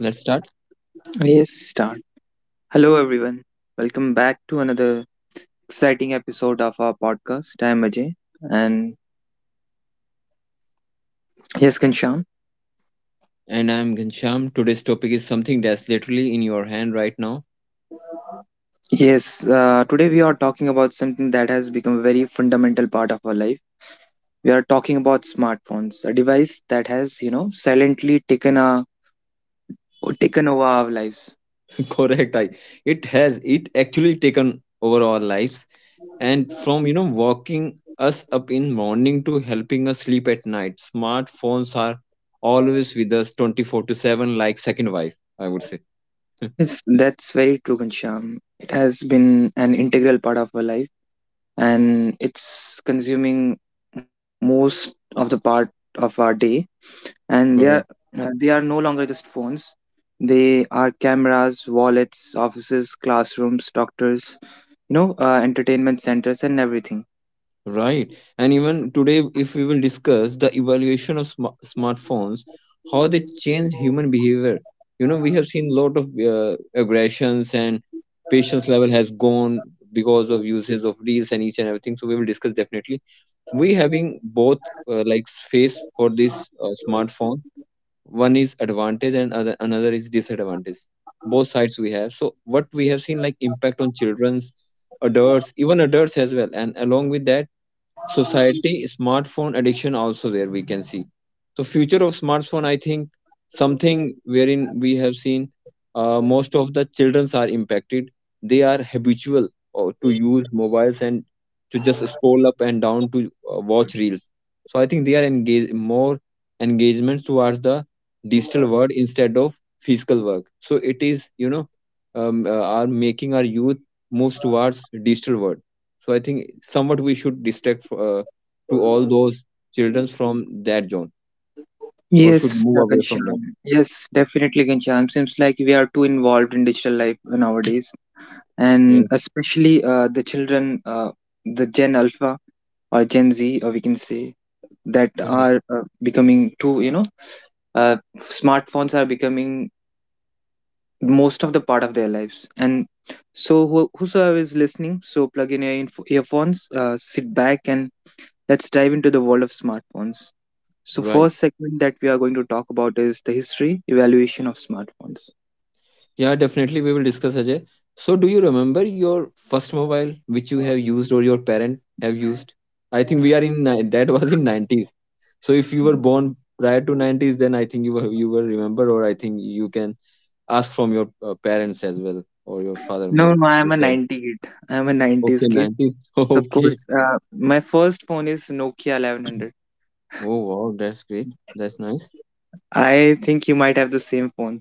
Let's start. Yes, start. Hello, everyone. Welcome back to another exciting episode of our podcast. I'm Ajay. And yes, Kansham. And I'm Ghanshyam. Today's topic is something that's literally in your hand right now. Yes, today we are talking about something that has become a very fundamental part of our life. We are talking about smartphones, a device that has, silently taken over our lives. Correct. I it has it actually taken over our lives. And from waking us up in morning to helping us sleep at night. Smartphones are always with us 24/7 like second wife, I would say. Yes, that's very true, Kansham. It has been an integral part of our life, and it's consuming most of the part of our day, and they are no longer just phones. They are cameras, wallets, offices, classrooms, doctors, entertainment centers and everything. Right. And even today, if we will discuss the evaluation of smartphones, how they change human behavior. You know, we have seen a lot of aggressions, and patience level has gone because of uses of reels and each and everything. So we will discuss definitely. We having both, like, face for this smartphone. One is advantage and another is disadvantage. Both sides we have. So what we have seen, like, impact on children's, adults, even adults as well. And along with that, society, smartphone addiction also there we can see. So future of smartphone, I think, something wherein we have seen most of the children are impacted. They are habitual or to use mobiles and to just scroll up and down to watch reels. So I think they are engaged more, engagement towards the digital world instead of physical work. So it is are making our youth moves towards digital world. So I think somewhat we should distract, to all those children from that zone or should Yes, move away from that. Ghanshyam. Yes, definitely, Ghanshyam. Seems like we are too involved in digital life nowadays, Yeah, and especially, the children, the Gen Alpha or Gen Z, or we can say that correct. are becoming too you know uh, smartphones are becoming most of the part of their lives. And so, whosoever is listening, so plug in your earphones, sit back and let's dive into the world of smartphones. So, Right. first segment that we are going to talk about is the history evaluation of smartphones. Yeah, definitely we will discuss, Ajay. So do you remember your first mobile which you have used or your parent have used? I think we are in ni- that was in 90s. So if you were Yes. born prior to 90s, then I think you will remember, or I think you can ask from your parents as well, or your father, No, mother. no, I'm a So 90 kid. I'm a 90s okay, kid. 90s. Of Okay. course, my first phone is Nokia 1100. Oh wow, that's great. That's nice. I think you might have the same phone.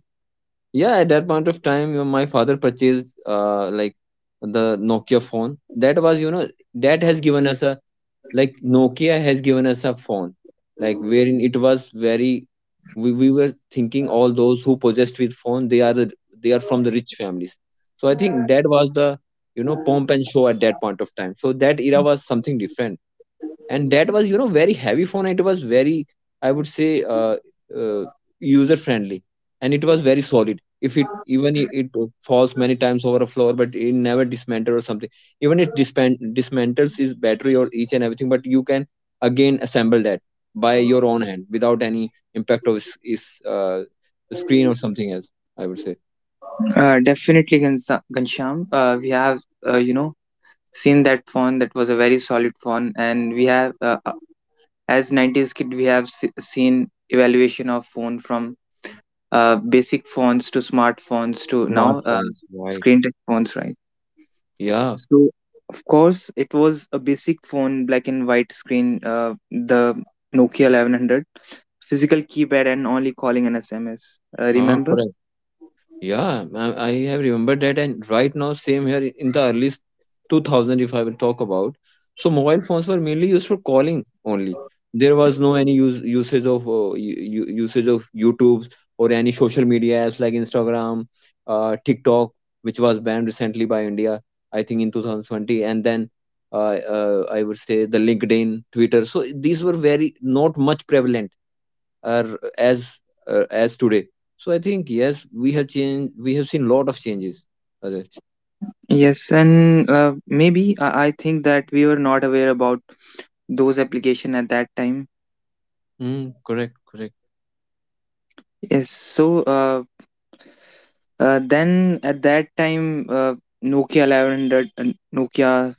Yeah, at that point of time, my father purchased, like, the Nokia phone. That was, you know, that has given us a, like, Nokia has given us a phone, like wherein it was very, we were thinking all those who possessed with phone, they are from the rich families. So I think that was the, pomp and show at that point of time. So that era was something different, and that was, very heavy phone. It was very, I would say, uh, user friendly, and it was very solid. If it falls many times over a floor, but it never dismantles or something. Even it dismantles its battery or each and everything, but you can again assemble that by your own hand without any impact of its screen or something else, I would say. Definitely, Ghanshyam. We have, you know, Seen that phone. That was a very solid phone, and we have as 90s kid we have seen evaluation of phone from basic phones to smartphones to now, Smartphones, right. screen touch phones, right? Yeah. So of course it was a basic phone, black and white screen, the Nokia 1100, physical keypad and only calling and SMS, remember? Correct. Yeah, I have remembered that, and right now, same here in the early 2000, if I will talk about. So, mobile phones were mainly used for calling only. There was no any use, usage of u- u- usage of YouTube or any social media apps like Instagram, TikTok, which was banned recently by India, I think in 2020, and then I would say the LinkedIn, Twitter. So these were very not much prevalent, uh, as today. So I think, yes, we have changed, we have seen lot of changes, Ajay. Yes, and maybe I think that we were not aware about those application at that time. Mm, correct, correct. Yes. So, uh, then at that time, Nokia 1100 and Nokia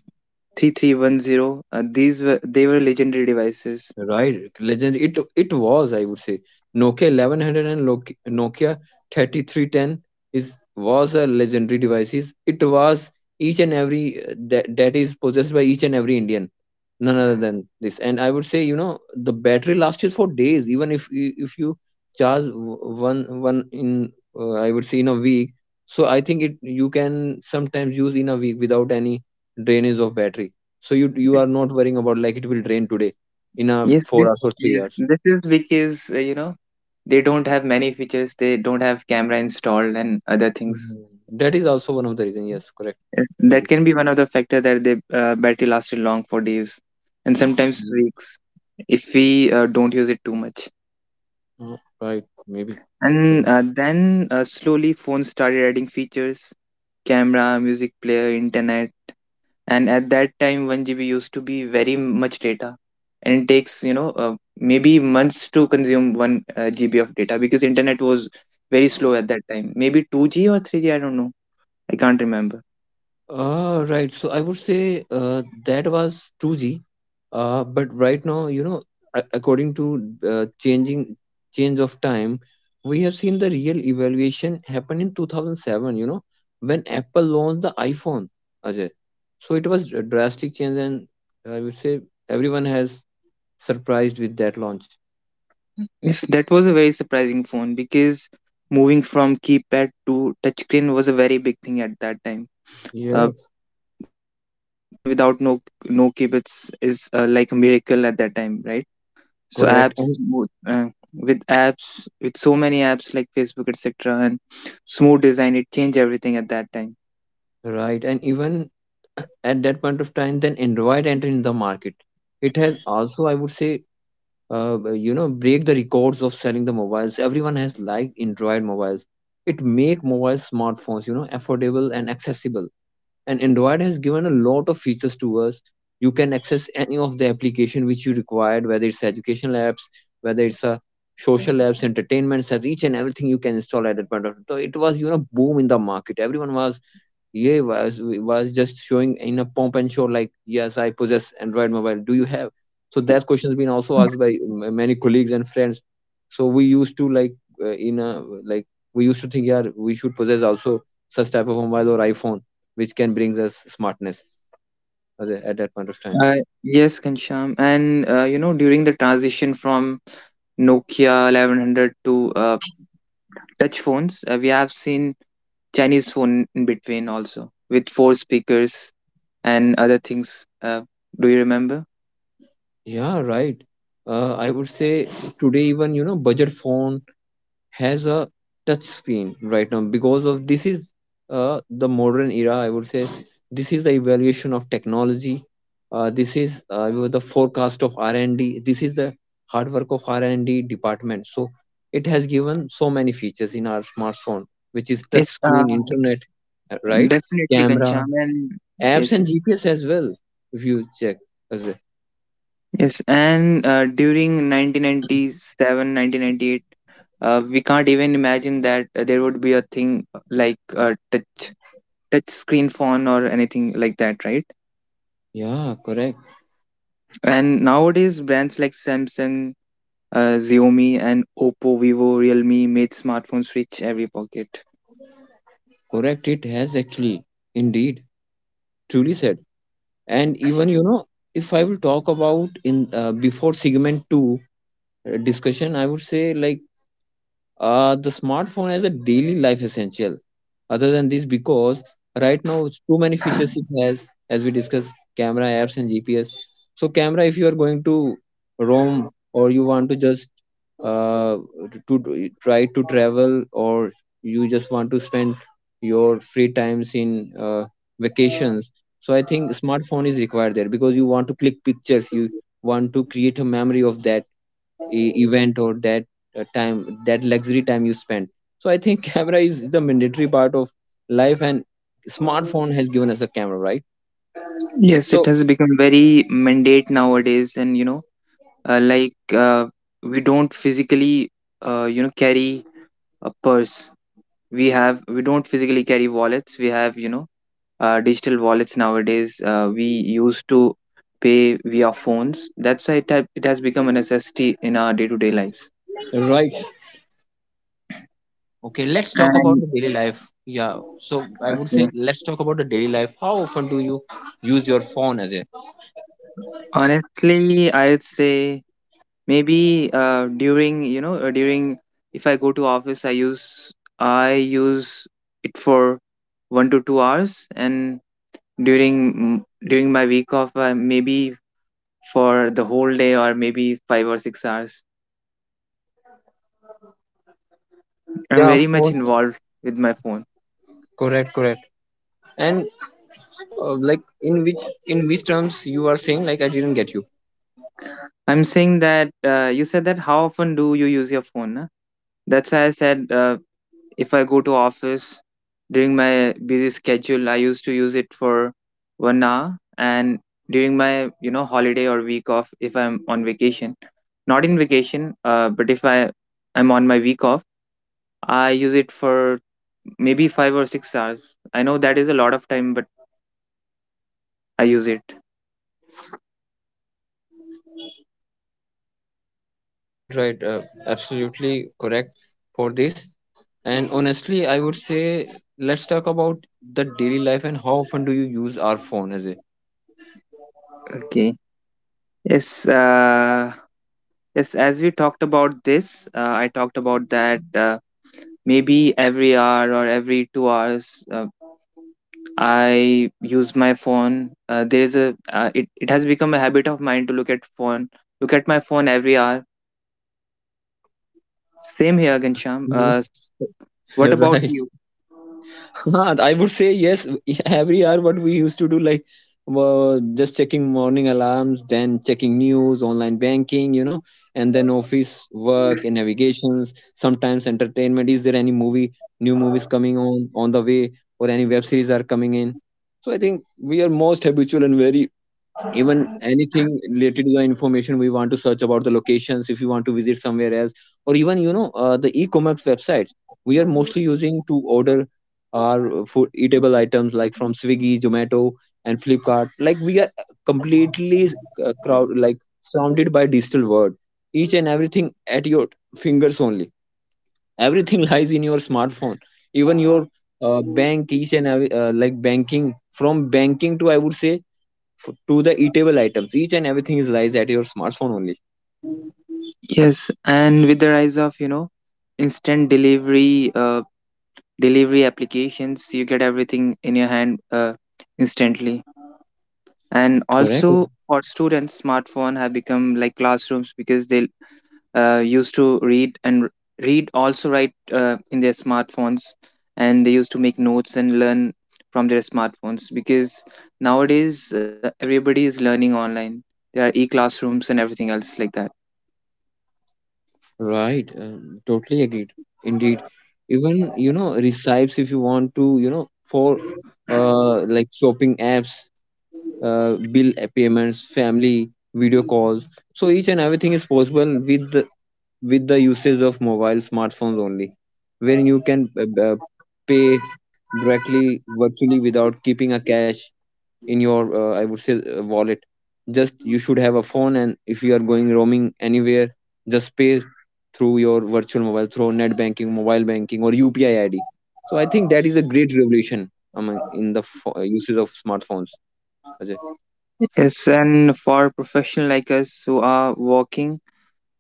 3310, these were they were legendary devices. Right, legend. It was, I would say, Nokia 1100 and Nokia 3310 is was a legendary devices. It was each and every, that is possessed by each and every Indian, none other than this. And I would say, you know, the battery lasted for days. Even if you charge one one in, I would say, in a week. So I think it you can sometimes use in a week without any drainage of battery. So you are not worrying about like it will drain today in a Yes, this, 4 hours or three yes, hours. this is because, they don't have many features. They don't have camera installed and other things. Mm. That is also one of the reason. Yes, correct. Uh, That Maybe. can be one of the factor that the battery lasted long for days and sometimes Mm, weeks if we don't use it too much. Right. Maybe. Correct. And then, slowly phones started adding features, camera, music player, internet, and at that time 1 GB used to be very much data, and it takes, maybe months to consume 1 GB of data, because internet was very slow at that time, maybe 2G or 3G. I don't know, I can't remember. Right. So I would say that was 2G. But right now, you know, according to, changing change of time, we have seen the real evaluation happen in 2007. You know, when Apple launched the iPhone, Ajay. So it was a drastic change, and I would say everyone has surprised with that launch. Yes, that was a very surprising phone, because moving from keypad to touchscreen was a very big thing at that time. Yeah. uh, Seeing phone without no keypads is, like a miracle at that time, right? So, Correct. apps And wo- with apps with so many apps like Facebook, etc., and smooth design, it changed everything at that time. right, and even at that point of time, then Android entered in the market. It has also, I would say, break the records of selling the mobiles. Everyone has liked Android mobiles. It make mobile smartphones, affordable and accessible. And Android has given a lot of features to us. You can access any of the application which you required, whether it's educational apps, whether it's a social apps, entertainment apps, each and everything you can install at that point of time. So it was, boom in the market. Everyone was, yeah, was just showing in a pomp and show like, yes, I possess Android mobile. Do you have? So that question has been also asked by many colleagues and friends. So we used to like, in a, like, we used to think, yeah, we should possess also such type of mobile or iPhone, which can bring us smartness at that point of time. uh, yes, Kancham, and during the transition from Nokia 1100 to, touch phones, we have seen Chinese phone in between also with four speakers and other things, do you remember? Yeah, right. I would say today even, budget phone has a touch screen right now, because of this is, the modern era. I would say this is the evaluation of technology, this is, the forecast of R&D. This is the hard work of R&D department. So it has given so many features in our smartphone which is touch It screen, internet, right, Definitely, camera, Kancham. And yes, apps, and yes. GPS as well, if you check as a- Yes, and during 1997, 1998, we can't even imagine that there would be a thing, like a touch screen phone or anything like that, right? yeah, correct, And nowadays, brands like Samsung, Xiaomi, and Oppo, Vivo, Realme made smartphones reach every pocket. correct. It has actually, indeed, truly said. And even, if I will talk about, in, before segment 2, discussion, I would say, like, the smartphone as a daily life essential. Other than this, because right now it's too many features it has, as we discussed, camera, apps, and GPS. So camera, if you are going to roam, or you want to just, uh, to try to travel, or you just want to spend your free times in, vacations. So I think smartphone is required there, because you want to click pictures, you want to create a memory of that event or that, time, that luxury time you spend. So I think camera is the mandatory part of life, and smartphone has given us a camera, right? Yes, it So has become very mandate nowadays, and uh, like uh, we don't physically, carry a purse. We don't physically carry wallets. We have, digital wallets nowadays. We used to pay via phones. That's why it has become a necessity in our day-to-day lives, right. Okay, let's talk about and... the daily life. Yeah, so I would say Okay. let's talk about the daily life. How often do you use your phone as a? Honestly, I'd say maybe, during, if I go to office, I use it for 1 to 2 hours. And during mm, during my week off, maybe for the whole day, or maybe 5 or 6 hours, I'm Yeah, very of much course, involved with my phone. correct, correct. And, like, in which in which terms you are saying, like, I didn't get you. I'm saying that, you said that, how often do you use your phone? Nah? That's why I said, if I go to office during my busy schedule, I used to use it for 1 hour, and during my holiday or week off, if I'm on vacation, not in vacation, but if I'm on my week off, I use it for maybe 5 or 6 hours. I know that is a lot of time, but I use it. Yes, right, right. Absolutely correct for this. And honestly, I would say, let's talk about the daily life and how often do you use our phone as a. Okay. Yes. Yes, as we talked about this, I talked about that, maybe every hour or every 2 hours, I use my phone. There is a it, it has become a habit of mine to look at my phone every hour. Same here, Gansham. What about Right. you? Huh, I would say yes. Every hour, what we used to do, like, just checking morning alarms, then checking news, online banking, and then office work and navigations. Sometimes entertainment. Is there any movie, new movies coming on the way, or any web series are coming in? So I think we are most habitual, and very, even anything related to the information we want to search about the locations if you want to visit somewhere else, or even, the e-commerce websites we are mostly using to order our food eatable items, like, from Swiggy, Zomato, and Flipkart. Like, we are completely, crowd, like, surrounded by digital world. Each and everything at your fingers only, everything lies in your smartphone, even your, bank. Each and every, like banking, from banking to, I would say, to the eatable items. Each and everything is lies at your smartphone only. Yes, and with the rise of, instant delivery applications, you get everything in your hand, instantly. And Correct. also, for students, smartphone have become like classrooms, because they used to read and read, also write, in their smartphones, and they used to make notes and learn from their smartphones, because nowadays, everybody is learning online. There are e-classrooms and everything else like that. Right. Totally agreed. Indeed. Even, recipes if you want to, for, like, shopping apps, bill payments, family, video calls. So each and everything is possible with the usage of mobile smartphones only, wherein you can pay directly virtually without keeping a cash in your I would say wallet. Just you should have a phone, and if you are going roaming anywhere, just pay through your virtual mobile, through net banking, mobile banking, or UPI ID. So I think that is a great revolution among in the usage of smartphones, Ajay. Yes, and for professional like us who are working,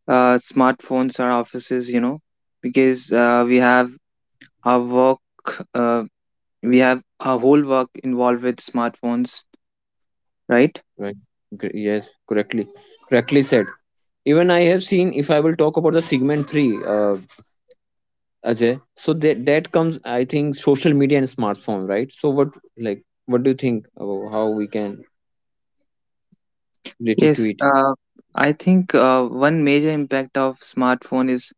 smartphones are offices, because, our work uh, we have our whole work involved with smartphones, right? Right. Yes, correctly, correctly said. Even I have seen, if I will talk about the segment 3, Ajay, so that comes, I think, social media and smartphone, right? So what, like, what do you think about how we can relate it to Yes, it? I think, one major impact of smartphone is,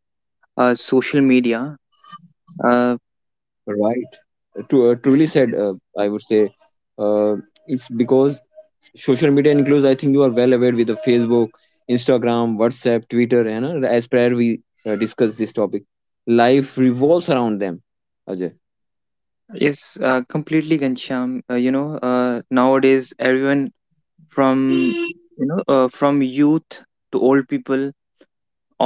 social media, uh, Right. To, truly yes, said, I would say, uh, it's because social media includes, I think you are well aware, with the Facebook, Instagram, WhatsApp, Twitter, and as prior we discussed this topic, life revolves around them. Ajay. yes. Completely, Gansham. Nowadays everyone, from, from youth to old people,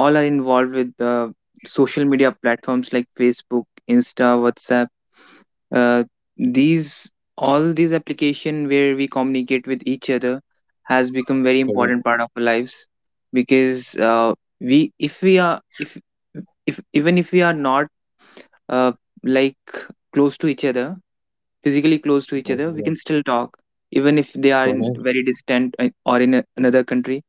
all are involved with, social media platforms like Facebook, Insta, WhatsApp, uh, these application where we communicate with each other has become very Correct. important part of our lives. Because, we if we are if even if we are not, uh, like close to each other physically close to each Oh, other, we yeah. can still talk, even if they are in Correct. very distant, or in another country,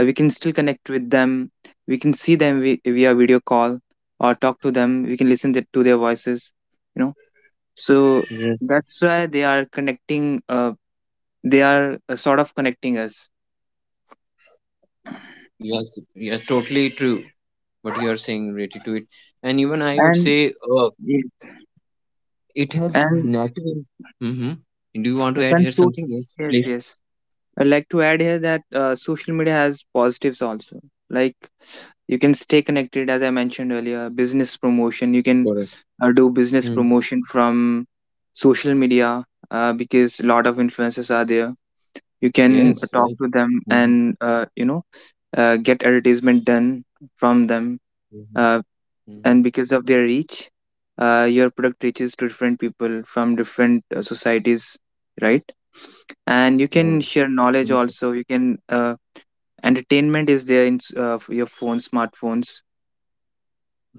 we can still connect with them. We can see them, via video call, or talk to them. We can listen to their voices. You know so Yes. that's why they are connecting they are sort of connecting us. Yes, yes, totally true. What you are saying related to it, and even I would and say, uh, yes, it has and natural. Mm-hmm. Do you want to yes, add and here so something? Yes, yes, please. yes, I'd like to add here that, social media has positives also. Like, you can stay connected, as I mentioned earlier. Business promotion, you can, Correct. Do business Mm. promotion from social media, because a lot of influencers are there. You can, Yes, talk right. to them, Mm-hmm. and get advertisement done from them. Uh, and Mhm. because of their reach, your product reaches to different people from different, societies, right? And you can Wow, share knowledge that is. also. You can Entertainment is there in, your phone, smartphones.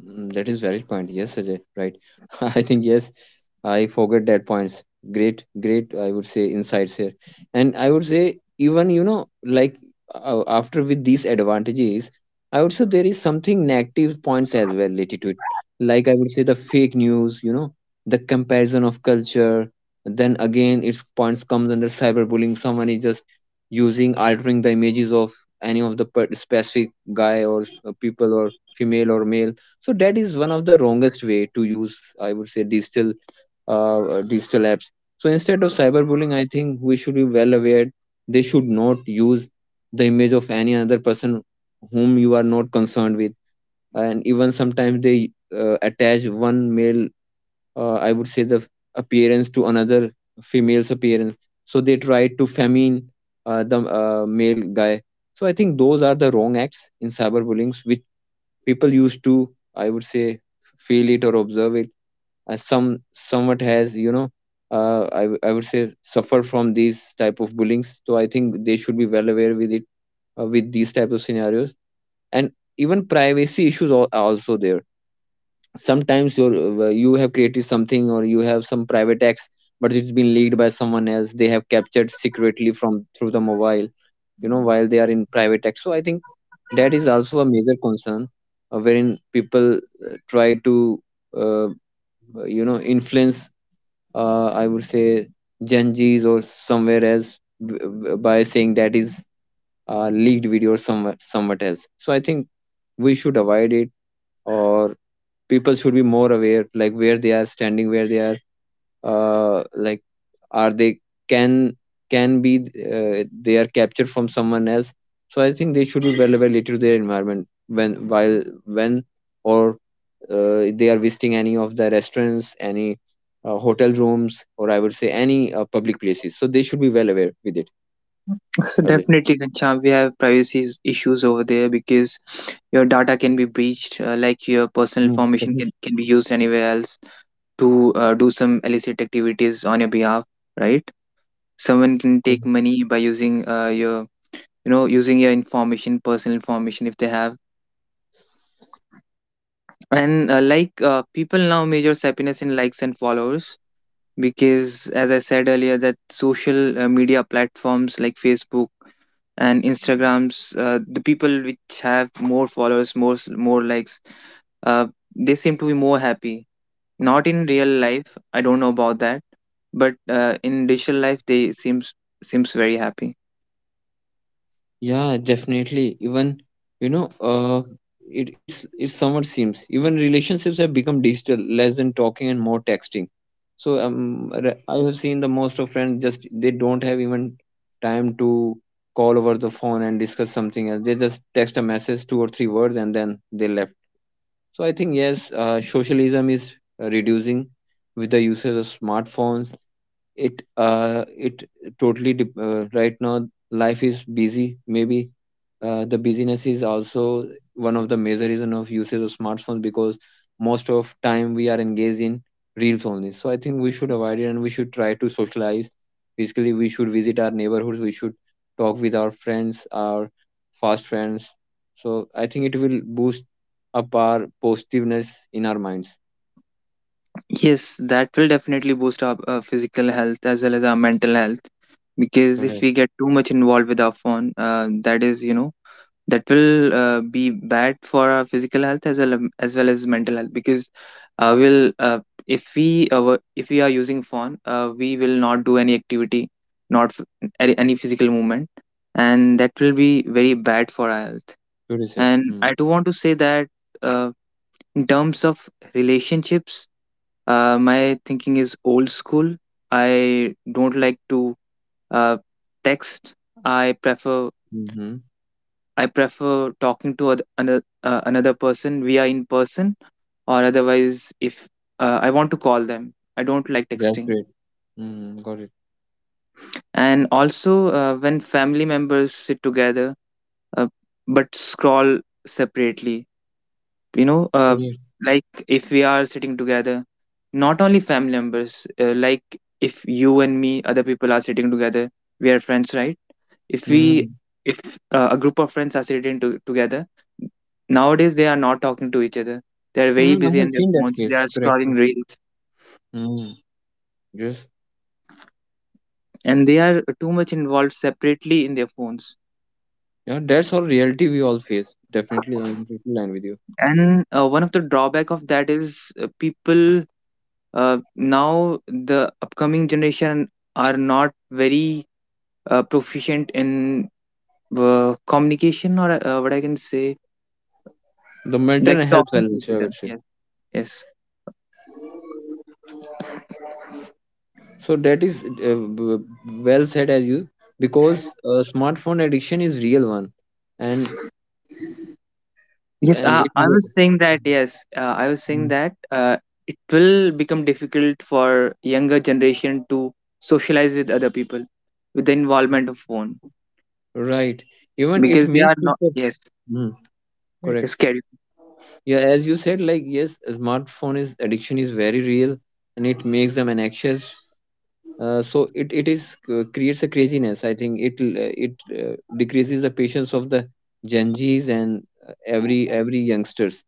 Mm, that is valid point. Yes, Ajay, right. I think yes, I forgot that points. Great, great. I would say insights here, and I would say, even you know, like, after, with these advantages, I would say there is something negative points as well related to it. Like, I would say the fake news, you know, the comparison of culture. Then again, its points comes under cyberbullying. Someone is just using, altering the images of any of the specific guy or people or female or male. So that is one of the wrongest way to use, I would say, digital, digital apps. So instead of cyberbullying, I think we should be well aware. They should not use the image of any other person whom you are not concerned with. And even sometimes they attach one male, I would say the appearance to another female's appearance. So they try to feminine, the male guy. So I think those are the wrong acts in cyberbullying which people used to, I would say, feel it or observe it. As some, somewhat has, you know, I would say suffer from these type of bullyings, so I think they should be well aware with it, with these type of scenarios. And even privacy issues are also there. Sometimes you have created something or you have some private acts, but it's been leaked by someone else. They have captured secretly from through the mobile, you know, while they are in private tax. So I think that is also a major concern, wherein people try to, uh, you know, influence, I would say, gen Zs or somewhere else, by saying that is leaked video or somewhere somewhat else. So I think we should avoid it, or people should be more aware, like where they are standing, where they are, like, are they, can can be they are captured from someone else. So I think they should be well aware later to their environment, when while when, or they are visiting any of the restaurants, any hotel rooms, or I would say any public places. So they should be well aware with it, So Ajay. definitely, Ghanshyam, we have privacy issues over there, because your data can be breached, like your personal Mm, information correct. can be used anywhere else to, do some illicit activities on your behalf, right? Someone can take money by using your information, personal information, if they have. And people now measure happiness in likes and followers, because as I said earlier that social, media platforms like Facebook and Instagrams, the people which have more followers, more likes, uh, they seem to be more happy. Not in real life, I don't know about that, but, in digital life, they seems very happy. Yeah, definitely. Even, you know, it's somewhat seems even relationships have become digital, less than talking and more texting. So I have seen the most of friends, just they don't have even time to call over the phone and discuss something else. They just text a message, two or three words, and then they left. So I think yes, socialism is reducing with the usage of smartphones. It totally dep right now life is busy, maybe the busyness is also one of the major reason of usage of smartphones, because most of time we are engaged in reels only. So I think we should avoid it, and we should try to socialize. Basically, we should visit our neighborhoods, we should talk with our friends, our fast friends. So I think it will boost up our positiveness in our minds. Yes, that will definitely boost our, physical health as well as our mental health. Because if Correct. we get too much involved with our phone, that is, you know, that will be bad for our physical health, as well as mental health. Because will if we were- if we are using phone, we will not do any activity, not any physical movement, and that will be very bad for our health. Good said. And Hmm. I do want to say that. Uh, in terms of relationships, my thinking is old school. I don't like to, uh, text. I prefer Mm-hmm. I prefer talking to, another, another person via in person, or otherwise if I want to call them. I don't like That's texting. great. Mm, got it. And also when family members sit together uh, but scroll separately you know uh, Correct. like if we are sitting together, not only family members, like if you and me, other people are sitting together, we are friends, right? If we— Mm. if a group of friends are sitting together, nowadays they are not talking to each other. They are very Mm, I busy have in their seen that phones, they are face. Correct. scrolling reels, Mm, yes. and they are too much involved separately in their phones. Yeah, that's all reality we all face. Definitely, I'm totally aligned with you. And one of the drawback of that is people, now the upcoming generation are not very proficient in communication, or what I can say, The mental like and health talking to the wellness, I would children. say. Yes, yes, So that is well said as you, because smartphone addiction is real one, and yes. and it I may, was saying that. Yes, I was saying Mm. that it will become difficult for younger generation to socialize with other people with the involvement of phone, Right. Even it because they makes are not. people, Yes, mm, correct. it's scary. Yeah, as you said, like yes, a smartphone is addiction is very real, and it makes them anxious. So it is, creates a craziness. I think it, decreases the patience of the gen z's and every youngsters.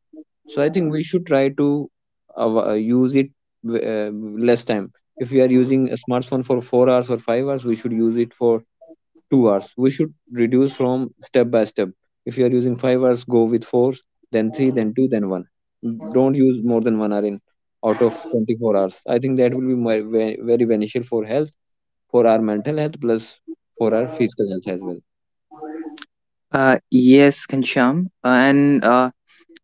So I think we should try to use it w- uh, less time. If we are using a smartphone for 4 hours or 5 hours, we should use it for 2 hours. We should reduce from step by step. If you are using 5 hours, go with 4, then 3, then 2, then 1. Don't use more than 1 hour in out of 24 hours. I think that will be my, very beneficial for health, for our mental health plus for our physical health as well. Yes, Kansham, and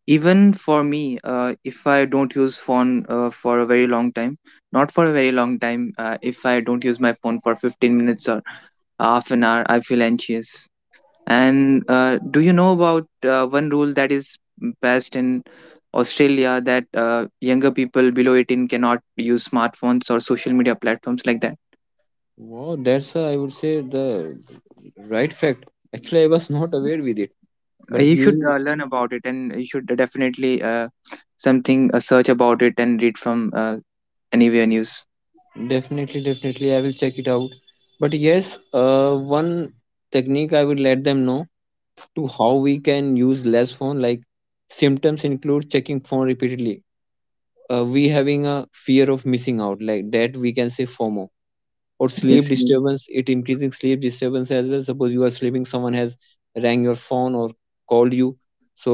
even for me, if I don't use phone for a very long time, not for a very long time, if I don't use my phone for 15 minutes or half an hour, I feel anxious. And do you know about one rule that is passed in Australia, that younger people below 18 cannot use smartphones or social media platforms like that? Wow, that's I would say the right fact. Actually, I was not aware with it, but You should you, learn about it, and you should definitely something, search about it and read from anywhere, news. definitely, definitely, I will check it out. But yes, one technique I would let them know, to how we can use less phone. Like, symptoms include checking phone repeatedly. We having a fear of missing out, like that we can say FOMO, or sleep Yes, yes. disturbance, it increasing sleep disturbance as well. Suppose you are sleeping, someone has rang your phone, or called you, so,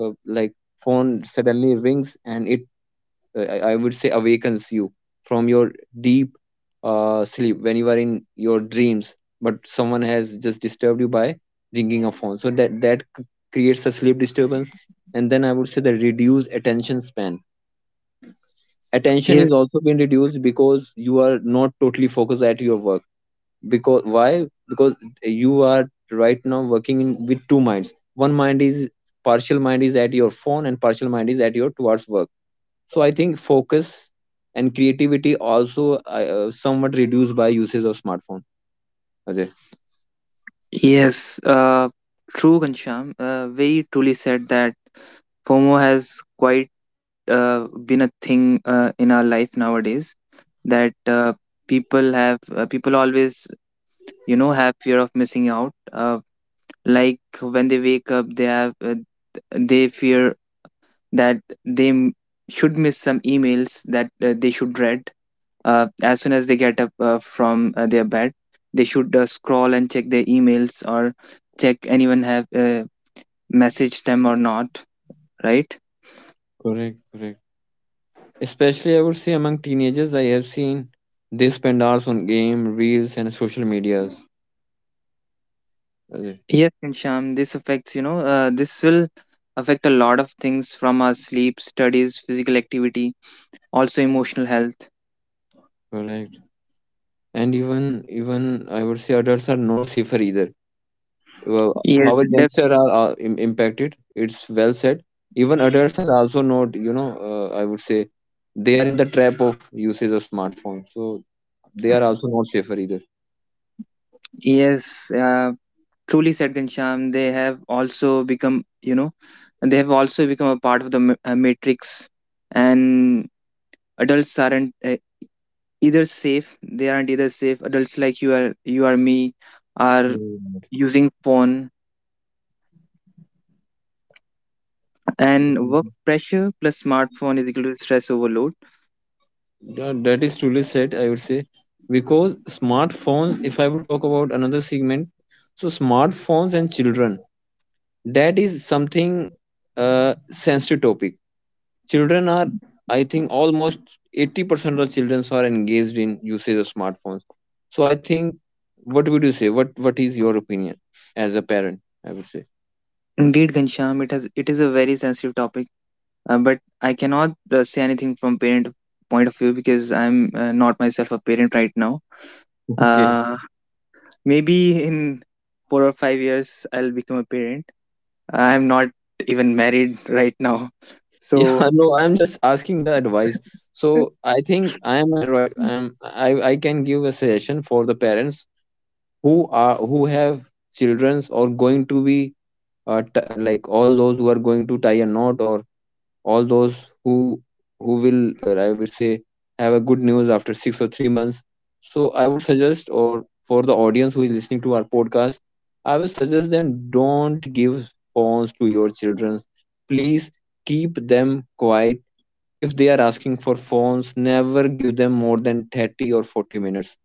like, phone suddenly rings, and it, I would say awakens you from your deep sleep, when you are in your dreams, but someone has just disturbed you by ringing a phone. So that creates a sleep disturbance. And then I would say the reduced attention span, attention is Yes, also being reduced, because you are not totally focused at your work. Because why? Because you are right now working in, with two minds. One mind is, partial mind is at your phone, and partial mind is at your towards work. So I think focus and creativity also somewhat reduced by usage of smartphone, Ajay. yes, true, Ghanshyam. Very truly said that FOMO has quite been a thing in our life nowadays. That people have, people always, have fear of missing out. Like when they wake up, they have, they fear that they m-— should miss some emails that they should read as soon as they get up from their bed, they should scroll and check their emails, or check anyone have messaged them or not, right? Correct, correct. Especially I would say, among teenagers I have seen, they spend hours on game, reels, and social medias, Ajay. Yes, and Sham, this affects, this will affect a lot of things, from our sleep, studies, physical activity, also emotional health. Correct. And even, even I would say adults are not safer either. uh, Yes, how our def-— youngsters are impacted, it's well said. Even adults are also not, you know, I would say, they are in the trap of usage of smartphone, so they are also not safer either. yes, truly said, Ghanshyam, they have also become, you know, they have also become a part of the matrix. And adults aren't either safe. They aren't either safe. Adults like you are, you are, me, are Mm. using phone, and work pressure plus smartphone is equal to stress overload. That that is truly said, I would say, because smartphones, if I will talk about another segment, so smartphones and children, that is something sensitive topic. Children are, I think, almost 80% of children are engaged in usage of smartphones. So I think, what would you say? What is your opinion as a parent? I would say. Indeed, Ghanshyam, it has— it is a very sensitive topic, but I cannot say anything from parent point of view, because I'm not myself a parent right now. Okay. Uh, Maybe in 4 or 5 years, I'll become a parent. I'm not even married right now. Yeah. So, No, I'm just asking the advice. So I think I am a right. I am. I can give a suggestion for the parents who are, who have childrens, or going to be, like, all those who are going to tie a knot, or all those who who will, I would say, have a good news after 6 or 3 months. So I would suggest, or for the audience who is listening to our podcast, I will suggest them, don't give phones to your children, please. Keep them quiet. If they are asking for phones, never give them more than 30 or 40 minutes.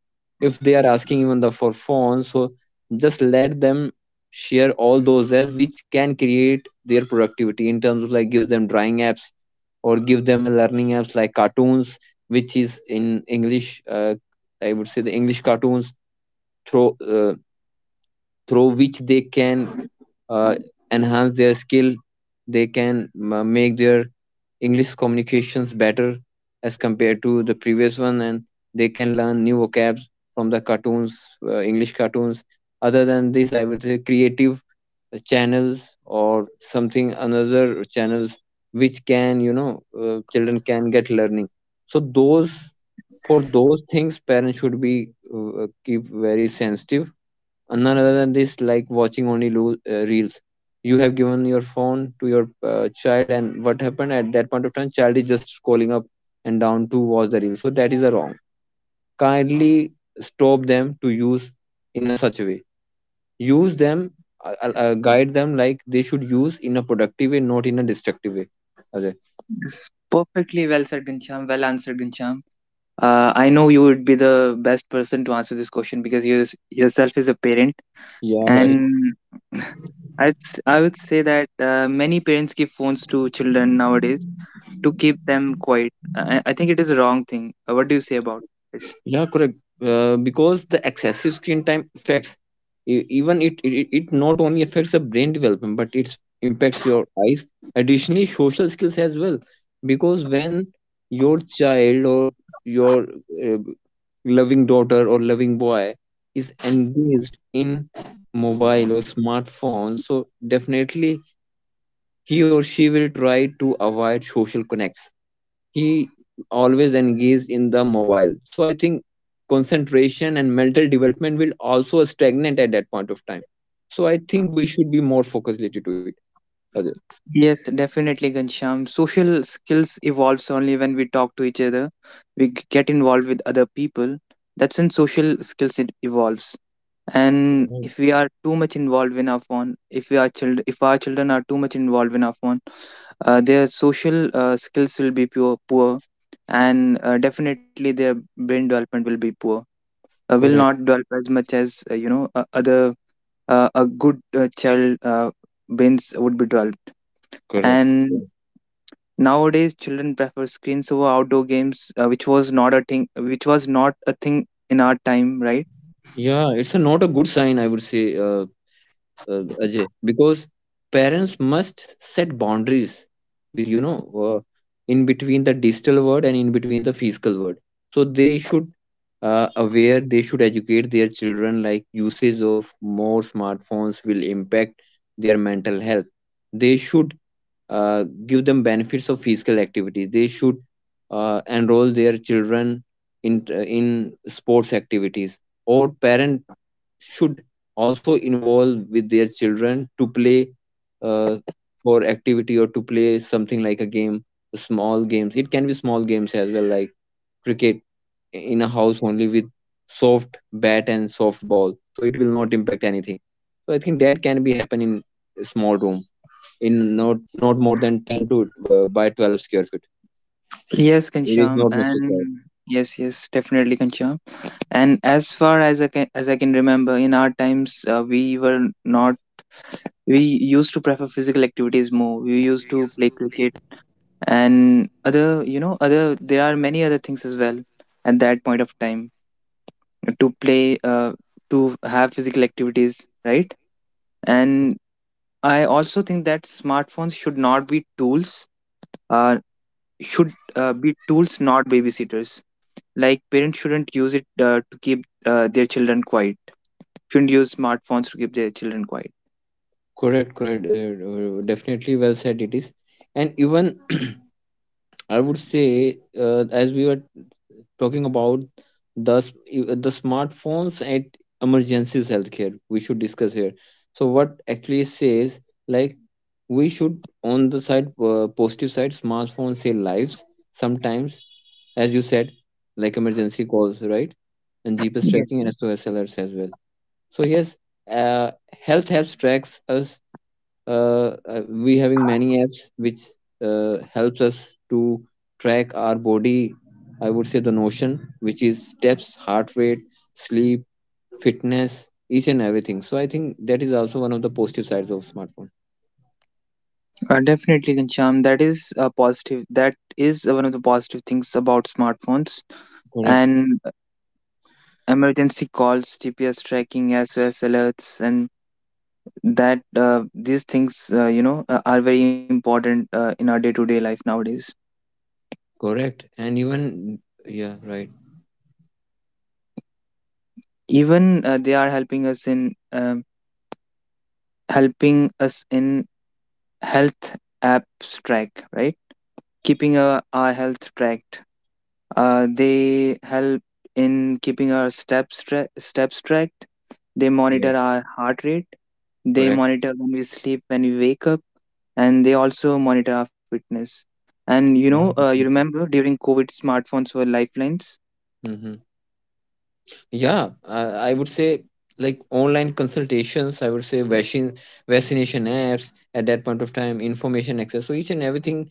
If they are asking even the for phones, so just let them share all those apps which can create their productivity, in terms of like, gives them drawing apps, or give them a learning apps like cartoons, which is in English, I would say the English cartoons, through, through which they can, uh, enhance their skill. They can, make their English communications better as compared to the previous one, and they can learn new vocab from the cartoons, English cartoons. Other than this, I would say creative channels, or something another channels, which can, you know, children can get learning. So those, for those things, parents should be, keep very sensitive. Uh, none other than this, like watching only reels. You have given your phone to your child, and what happened at that point of time, child is just scrolling up and down to watch the reels. So that is a wrong. Kindly stop them to use in a such a way. Use them, guide them, like they should use in a productive way, not in a destructive way. Ajay. yes, perfectly well said, Ghanshyam. Well answered, Ghanshyam. I know you would be the best person to answer this question, because you yourself is a parent, Yeah, right. and I'd s-— I would say that many parents give phones to children nowadays to keep them quiet. I think it is a wrong thing. What do you say about it? Yeah, correct. Because the excessive screen time affects even it not only affects the brain development but it impacts your eyes. Additionally, social skills as well. Because when your child or your uh, loving daughter or loving boy is engaged in mobile or smartphones, so definitely he or she will try to avoid social connects, he always engaged in the mobile. So I think concentration and mental development will also stagnate at that point of time. So I think we should be more focused related to it, Ajay. Yes, definitely, Gansham. Social skills evolves only when we talk to each other. We g-— get involved with other people. That's when social skills it evolves. And Correct, if we are too much involved in our phone, if we are child, if our children are too much involved in our phone, their social skills will be pure, poor, and definitely their brain development will be poor. Will correct, not develop as much as other a good child brains would be developed. correct. And nowadays, children prefer screens over outdoor games, which was not a thing, which was not a thing in our time, right? Yeah, it's a, not a good sign, I would say, Ajay, because parents must set boundaries with you know uh, in between the digital world and in between the physical world. So they should aware, they should educate their children like usage of more smartphones will impact their mental health. They should give them benefits of physical activity. They should enroll their children in sports activities, or parent should also involve with their children to play uh, for activity, or to play something like a game, small games it can be small games as well, like cricket in a house only with soft bat and soft ball, so it will not impact anything. So I think that can be happen in a small room, in not more than 10 to by 12 square feet. Yes, It is Kancham, not necessary. and yes, yes, definitely, Kancham. And as far as I can remember, in our times, we were not. We used to prefer physical activities more. We used to play cricket and other, you know, other— there are many other things as well at that point of time to play, to have physical activities, right? And I also think that smartphones should not be tools, uh, should be tools, not babysitters. Like parents shouldn't use it to keep their children quiet. Shouldn't use smartphones to keep their children quiet. Correct, correct. Definitely well said it is. And even I would say, as we were talking about the smartphones at emergencies healthcare, we should discuss here. So, what actually says, like, we should, on the side, positive side, smartphones save lives sometimes, as you said, like emergency calls, right? And GPS Yeah, tracking and SOS alerts as well. So, yes, uh, health apps tracks us, we having many apps which helps us to track our body. I would say the notion which is steps, heart rate, sleep, fitness, each and everything. So I think that is also one of the positive sides of smartphone. Definitely, Kancham. That is positive. That is one of the positive things about smartphones, Correct, and emergency calls, GPS tracking, SOS alerts, and that these things are very important in our day-to-day life nowadays. correct, and even, yeah, right, Even they are helping us in health apps track, right? Keeping our health tracked. They help in keeping our steps steps tracked. They monitor yes, our heart rate. They correct, monitor when we sleep, when we wake up, and they also monitor our fitness. And you know, yeah, you definitely. remember during COVID, smartphones were lifelines. Mm-hmm. Yeah, I would say, like online consultations, I would say vaccine vaccination apps at that point of time, information access, so each and everything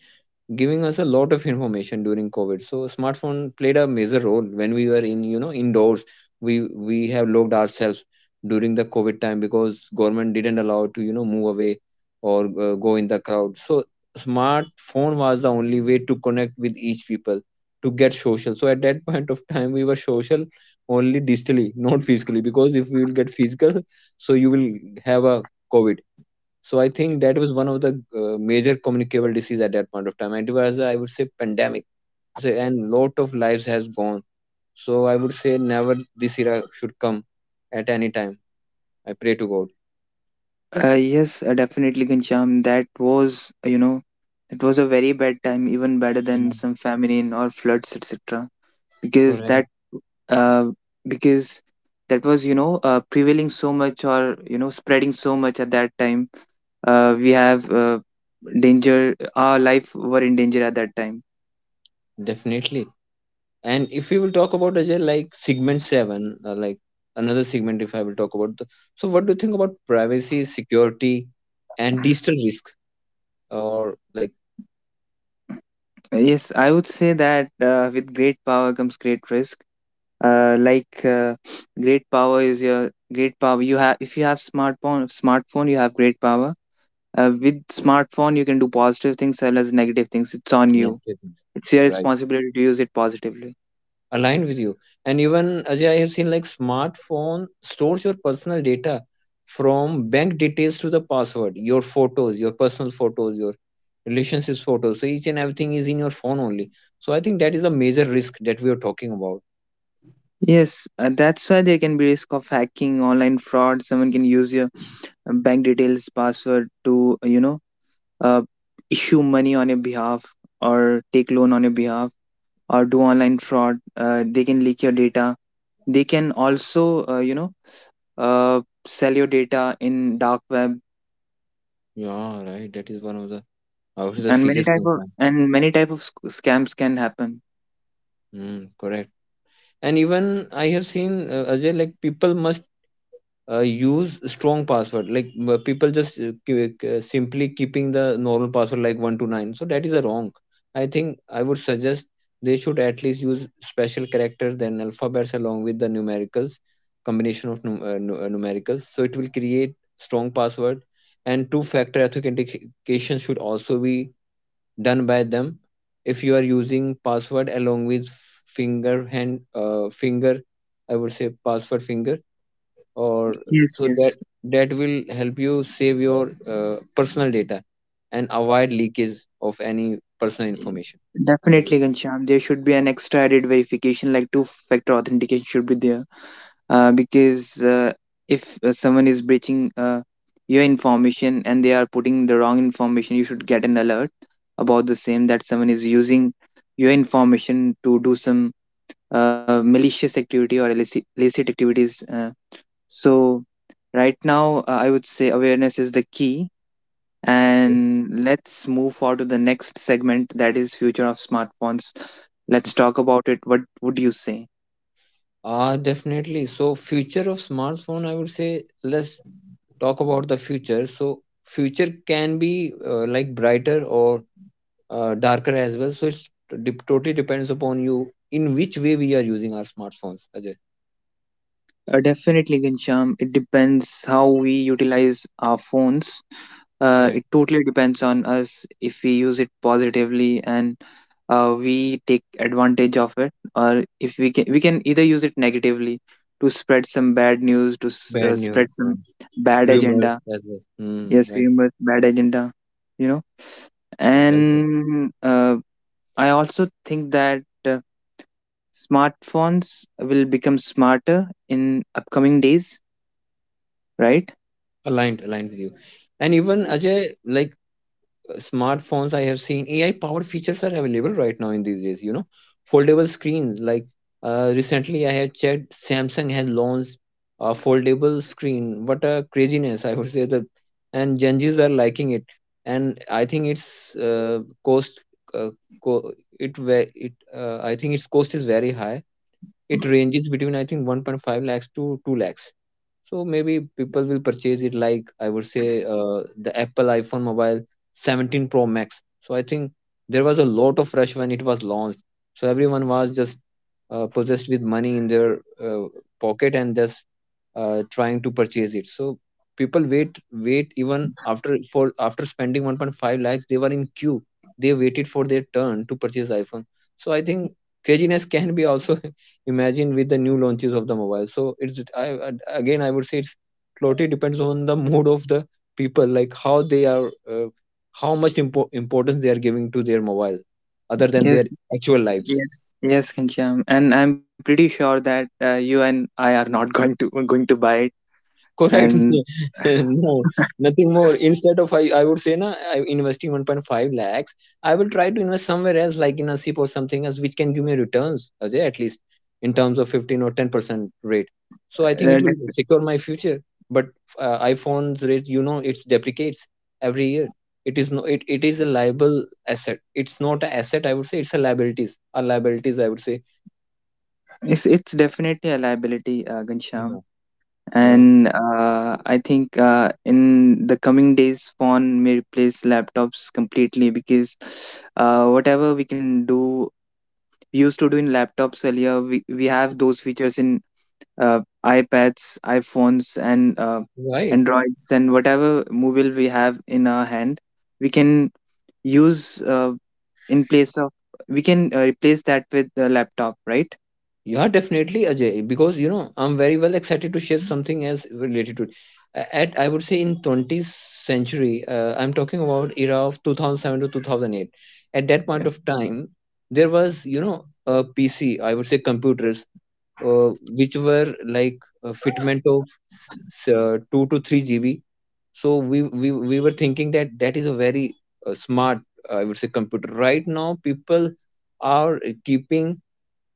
giving us a lot of information during COVID. So smartphone played a major role when we were in, you know, indoors. We have locked ourselves during the COVID time, because government didn't allow to, you know, move away or go in the crowd. So smartphone was the only way to connect with each people, to get social. So at that point of time we were social only digitally, not physically, because if we will get physical, so you will have a COVID. So I think that was one of the major communicable disease at that point of time. And it was, I would say, pandemic. So, and lot of lives has gone. So I would say never this era should come at any time. I pray to God. Yes, definitely, Ghanshyam. That was, you know, it was a very bad time, even better Yeah, than some famine or floods, etc. Because correct. that, uh, because that was, you know, prevailing so much, or you know, spreading so much at that time. We have danger. Our life were in danger at that time. Definitely. And if we will talk about Ajay, like segment seven, like another segment, if I will talk about the, so what do you think about privacy, security, and digital risk, or like Yes, I would say that with great power comes great risk. Uh, like uh, great power is your great power. You have— if you have smartphone, smartphone, you have great power. With smartphone you can do positive things as well as negative things, it's on you. negative? It's your responsibility to use it positively. Aligned with you. And even Ajay, I have seen, like, smartphone stores your personal data, from bank details to the password, your photos, your personal photos, your relationships photos, so each and everything is in your phone only. So I think that is a major risk that we are talking about. Yes, that's why there can be risk of hacking, online fraud. Someone can use your bank details, password, to uh, issue money on your behalf, or take loan on your behalf, or do online fraud. They can leak your data, they can also, sell your data in dark web, Yeah, right, that is one of the, out of the and serious concern. Many type of scams can happen. Mm, correct. And even I have seen, Ajay, like people must use strong password. Like people just simply keeping the normal password like 129, so that is a wrong. I think I would suggest they should at least use special characters, then alphabets, along with the numericals, combination of numericals, so it will create strong password. And two factor authentication should also be done by them. If you are using password along with finger, I would say password, finger, or Yes, so that yes. that will help you save your personal data and avoid leakage of any personal Yes. information, Ajay. Definitely, Ghanshyam. There should be an extra added verification, like two-factor authentication should be there, because if someone is breaching your information and they are putting the wrong information, you should get an alert about the same, that someone is using your information to do some malicious activity, or illicit, illicit activities. So right now, I would say awareness is the key, Okay. and let's move forward to the next segment, that is future of smartphones. Let's talk about it. What would you say? Ah, definitely. So, future of smartphone, I would say, let's talk about the future. So, future can be, like brighter or darker as well. So, it's totally depends upon you in which way we are using our smartphones, Ajay. Definitely, Gansham. It depends how we utilize our phones. Right. It totally depends on us. If we use it positively and we take advantage of it, or if we can— we can either use it negatively to spread some bad news, to Bad news, spread some right. bad agenda. Rumors as well. Hmm, Yes, right. humor, bad agenda, you know. Yeah, well, And I also think that smartphones will become smarter in upcoming days, right? Aligned with you. And even Ajay, like smartphones, I have seen, AI powered features are available right now in these days, you know, foldable screens. Like, recently I have checked, Samsung has launched a foldable screen. What a craziness, I would say that. And genjis are liking it. And I think it's, uh, cost, uh, co- it ve- it I think its cost is very high. It ranges between, I think, 1.5 lakhs to 2 lakhs. So maybe people will purchase it, like I would say, the Apple iPhone mobile 17 Pro Max. So I think there was a lot of rush when it was launched. So everyone was just possessed with money in their pocket, and just trying to purchase it. So people wait even after spending 1.5 lakhs, they were in queue. They waited for their turn to purchase iPhone. So I think craziness can be also imagine with the new launches of the mobile. So it's, I again, I would say, it's totally depends on the mood of the people, like how they are, how much importance they are giving to their mobile, other than Yes, their actual lives. yes, yes, Kancham, and I'm pretty sure that you and I are not going to buy it. Correct. And No, nothing more. Instead of, I would say na I investing 1.5 lakhs, I will try to invest somewhere else, like in a SIP or something else, which can give me returns, Ajay, at least in terms of 15 or 10% rate. So I think uh, it will def- secure my future. But iPhone's rate, you know, it depreciates every year. It is no, it is a liable asset. It's not an asset, I would say. It's a liabilities. A liabilities, I would say. It's definitely a liability, Gansham. Yeah. Yeah. And I think in the coming days phone may replace laptops completely, because whatever we can do— we used to do in laptops earlier. We have those features in iPads, iPhones, and Right. Androids, and whatever mobile we have in our hand, we can use in place of we can replace that with the laptop, right? Yeah, definitely, Ajay. Because you know, I'm very well excited to share something else related to it. At, I would say, in 20th century, I'm talking about era of 2007 to 2008. At that point of time, there was, you know, a PC. I would say computers, uh, which were like a fitment of two to three GB. So we were thinking that that is a very, smart, I would say, computer. Right now, people are keeping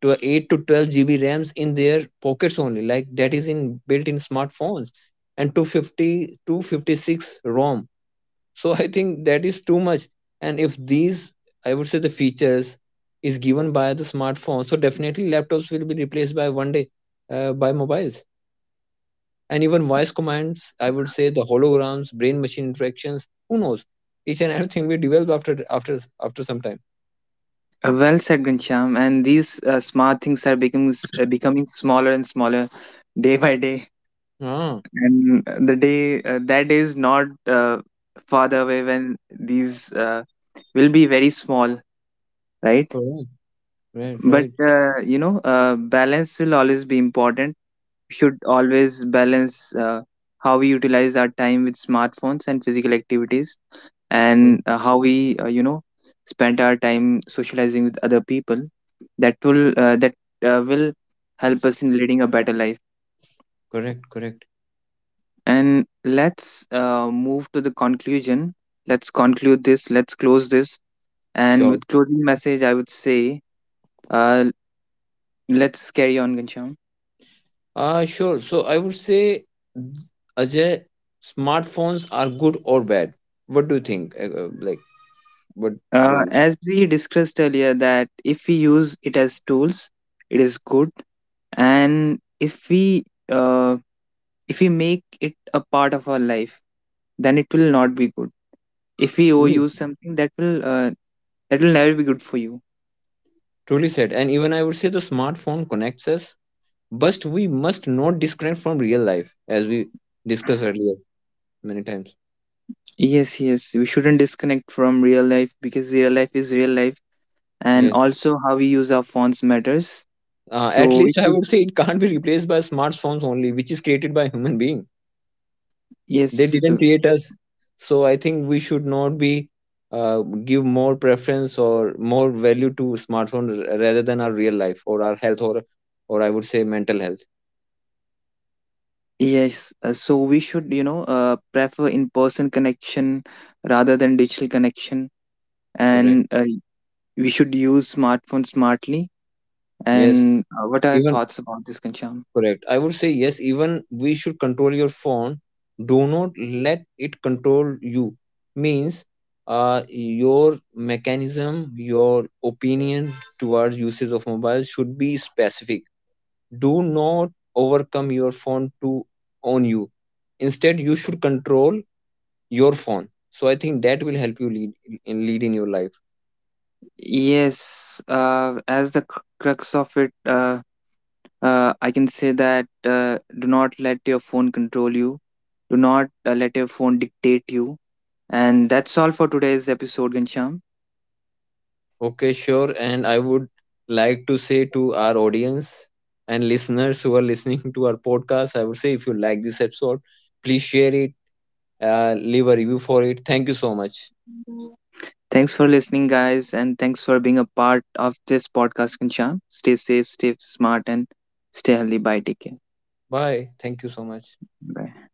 to 8 to 12 GB RAMs in their pockets only, like that is in built in smartphones, and 250 256 ROM. So I think that is too much. And if these, I would say, the features is given by the smartphone, so definitely laptops will be replaced by one day, by mobiles. And even voice commands, I would say, the holograms, brain-machine interactions, who knows? Each and everything we develop after some time. Well said, Ghanshyam. And these smart things are becoming becoming smaller and smaller day by day, Ah, and the day that is not far away, when these will be very small, right? correct, right, But right, balance will always be important. Should always balance how we utilize our time with smartphones and physical activities, correct, and how we, spend our time socializing with other people. That will, that will help us in leading a better life. correct, correct. And let's move to the conclusion. Let's conclude this, let's close this, and Sure. with closing message I would say, uh, let's carry on, Gansham. Sure. So I would say, mm, Ajay, smartphones are good or bad. What do you think? Like, what do you, As we discussed earlier, that if we use it as tools, it is good, and uh, if we make it a part of our life, then it will not be good. If we truly, overuse something, that will never be good for you. truly said? And even I would say the smartphone connects us, but we must not disconnect from real life, as we discussed earlier many times. Yes, yes, we shouldn't disconnect from real life, because real life is real life, and Yes. also how we use our phones matters. At So we least I should— would say it can't be replaced by smartphones only, which is created by human being. They yes, didn't create us. So I think we should not be, uh, give more preference or more value to smartphone, rather than our real life or our health, or I would say mental health. yes, so we should, you know, prefer in-person connection rather than digital connection, and Correct. We should use smartphone smartly. Yes, And what are your even, thoughts about this, Kancham? correct, I would say, yes, even, we should control your phone, do not let it control you. Means, your mechanism, your opinion towards usage of mobile should be specific. Do not overcome your phone to own you. Instead, you should control your phone. So I think that will help you lead in your life. Yes, as the crux of it, I can say that do not let your phone control you. Do not let your phone dictate you. And that's all for today's episode, Gansham. Okay, sure. And I would like to say to our audience and listeners who are listening to our podcast, I would say, if you like this episode, please share it, leave a review for it. Thank you so much. Thanks for listening, guys, and thanks for being a part of this podcast, Kancham. Stay safe, stay smart, and stay healthy. Bye. Take care. Bye. Thank you so much. Bye.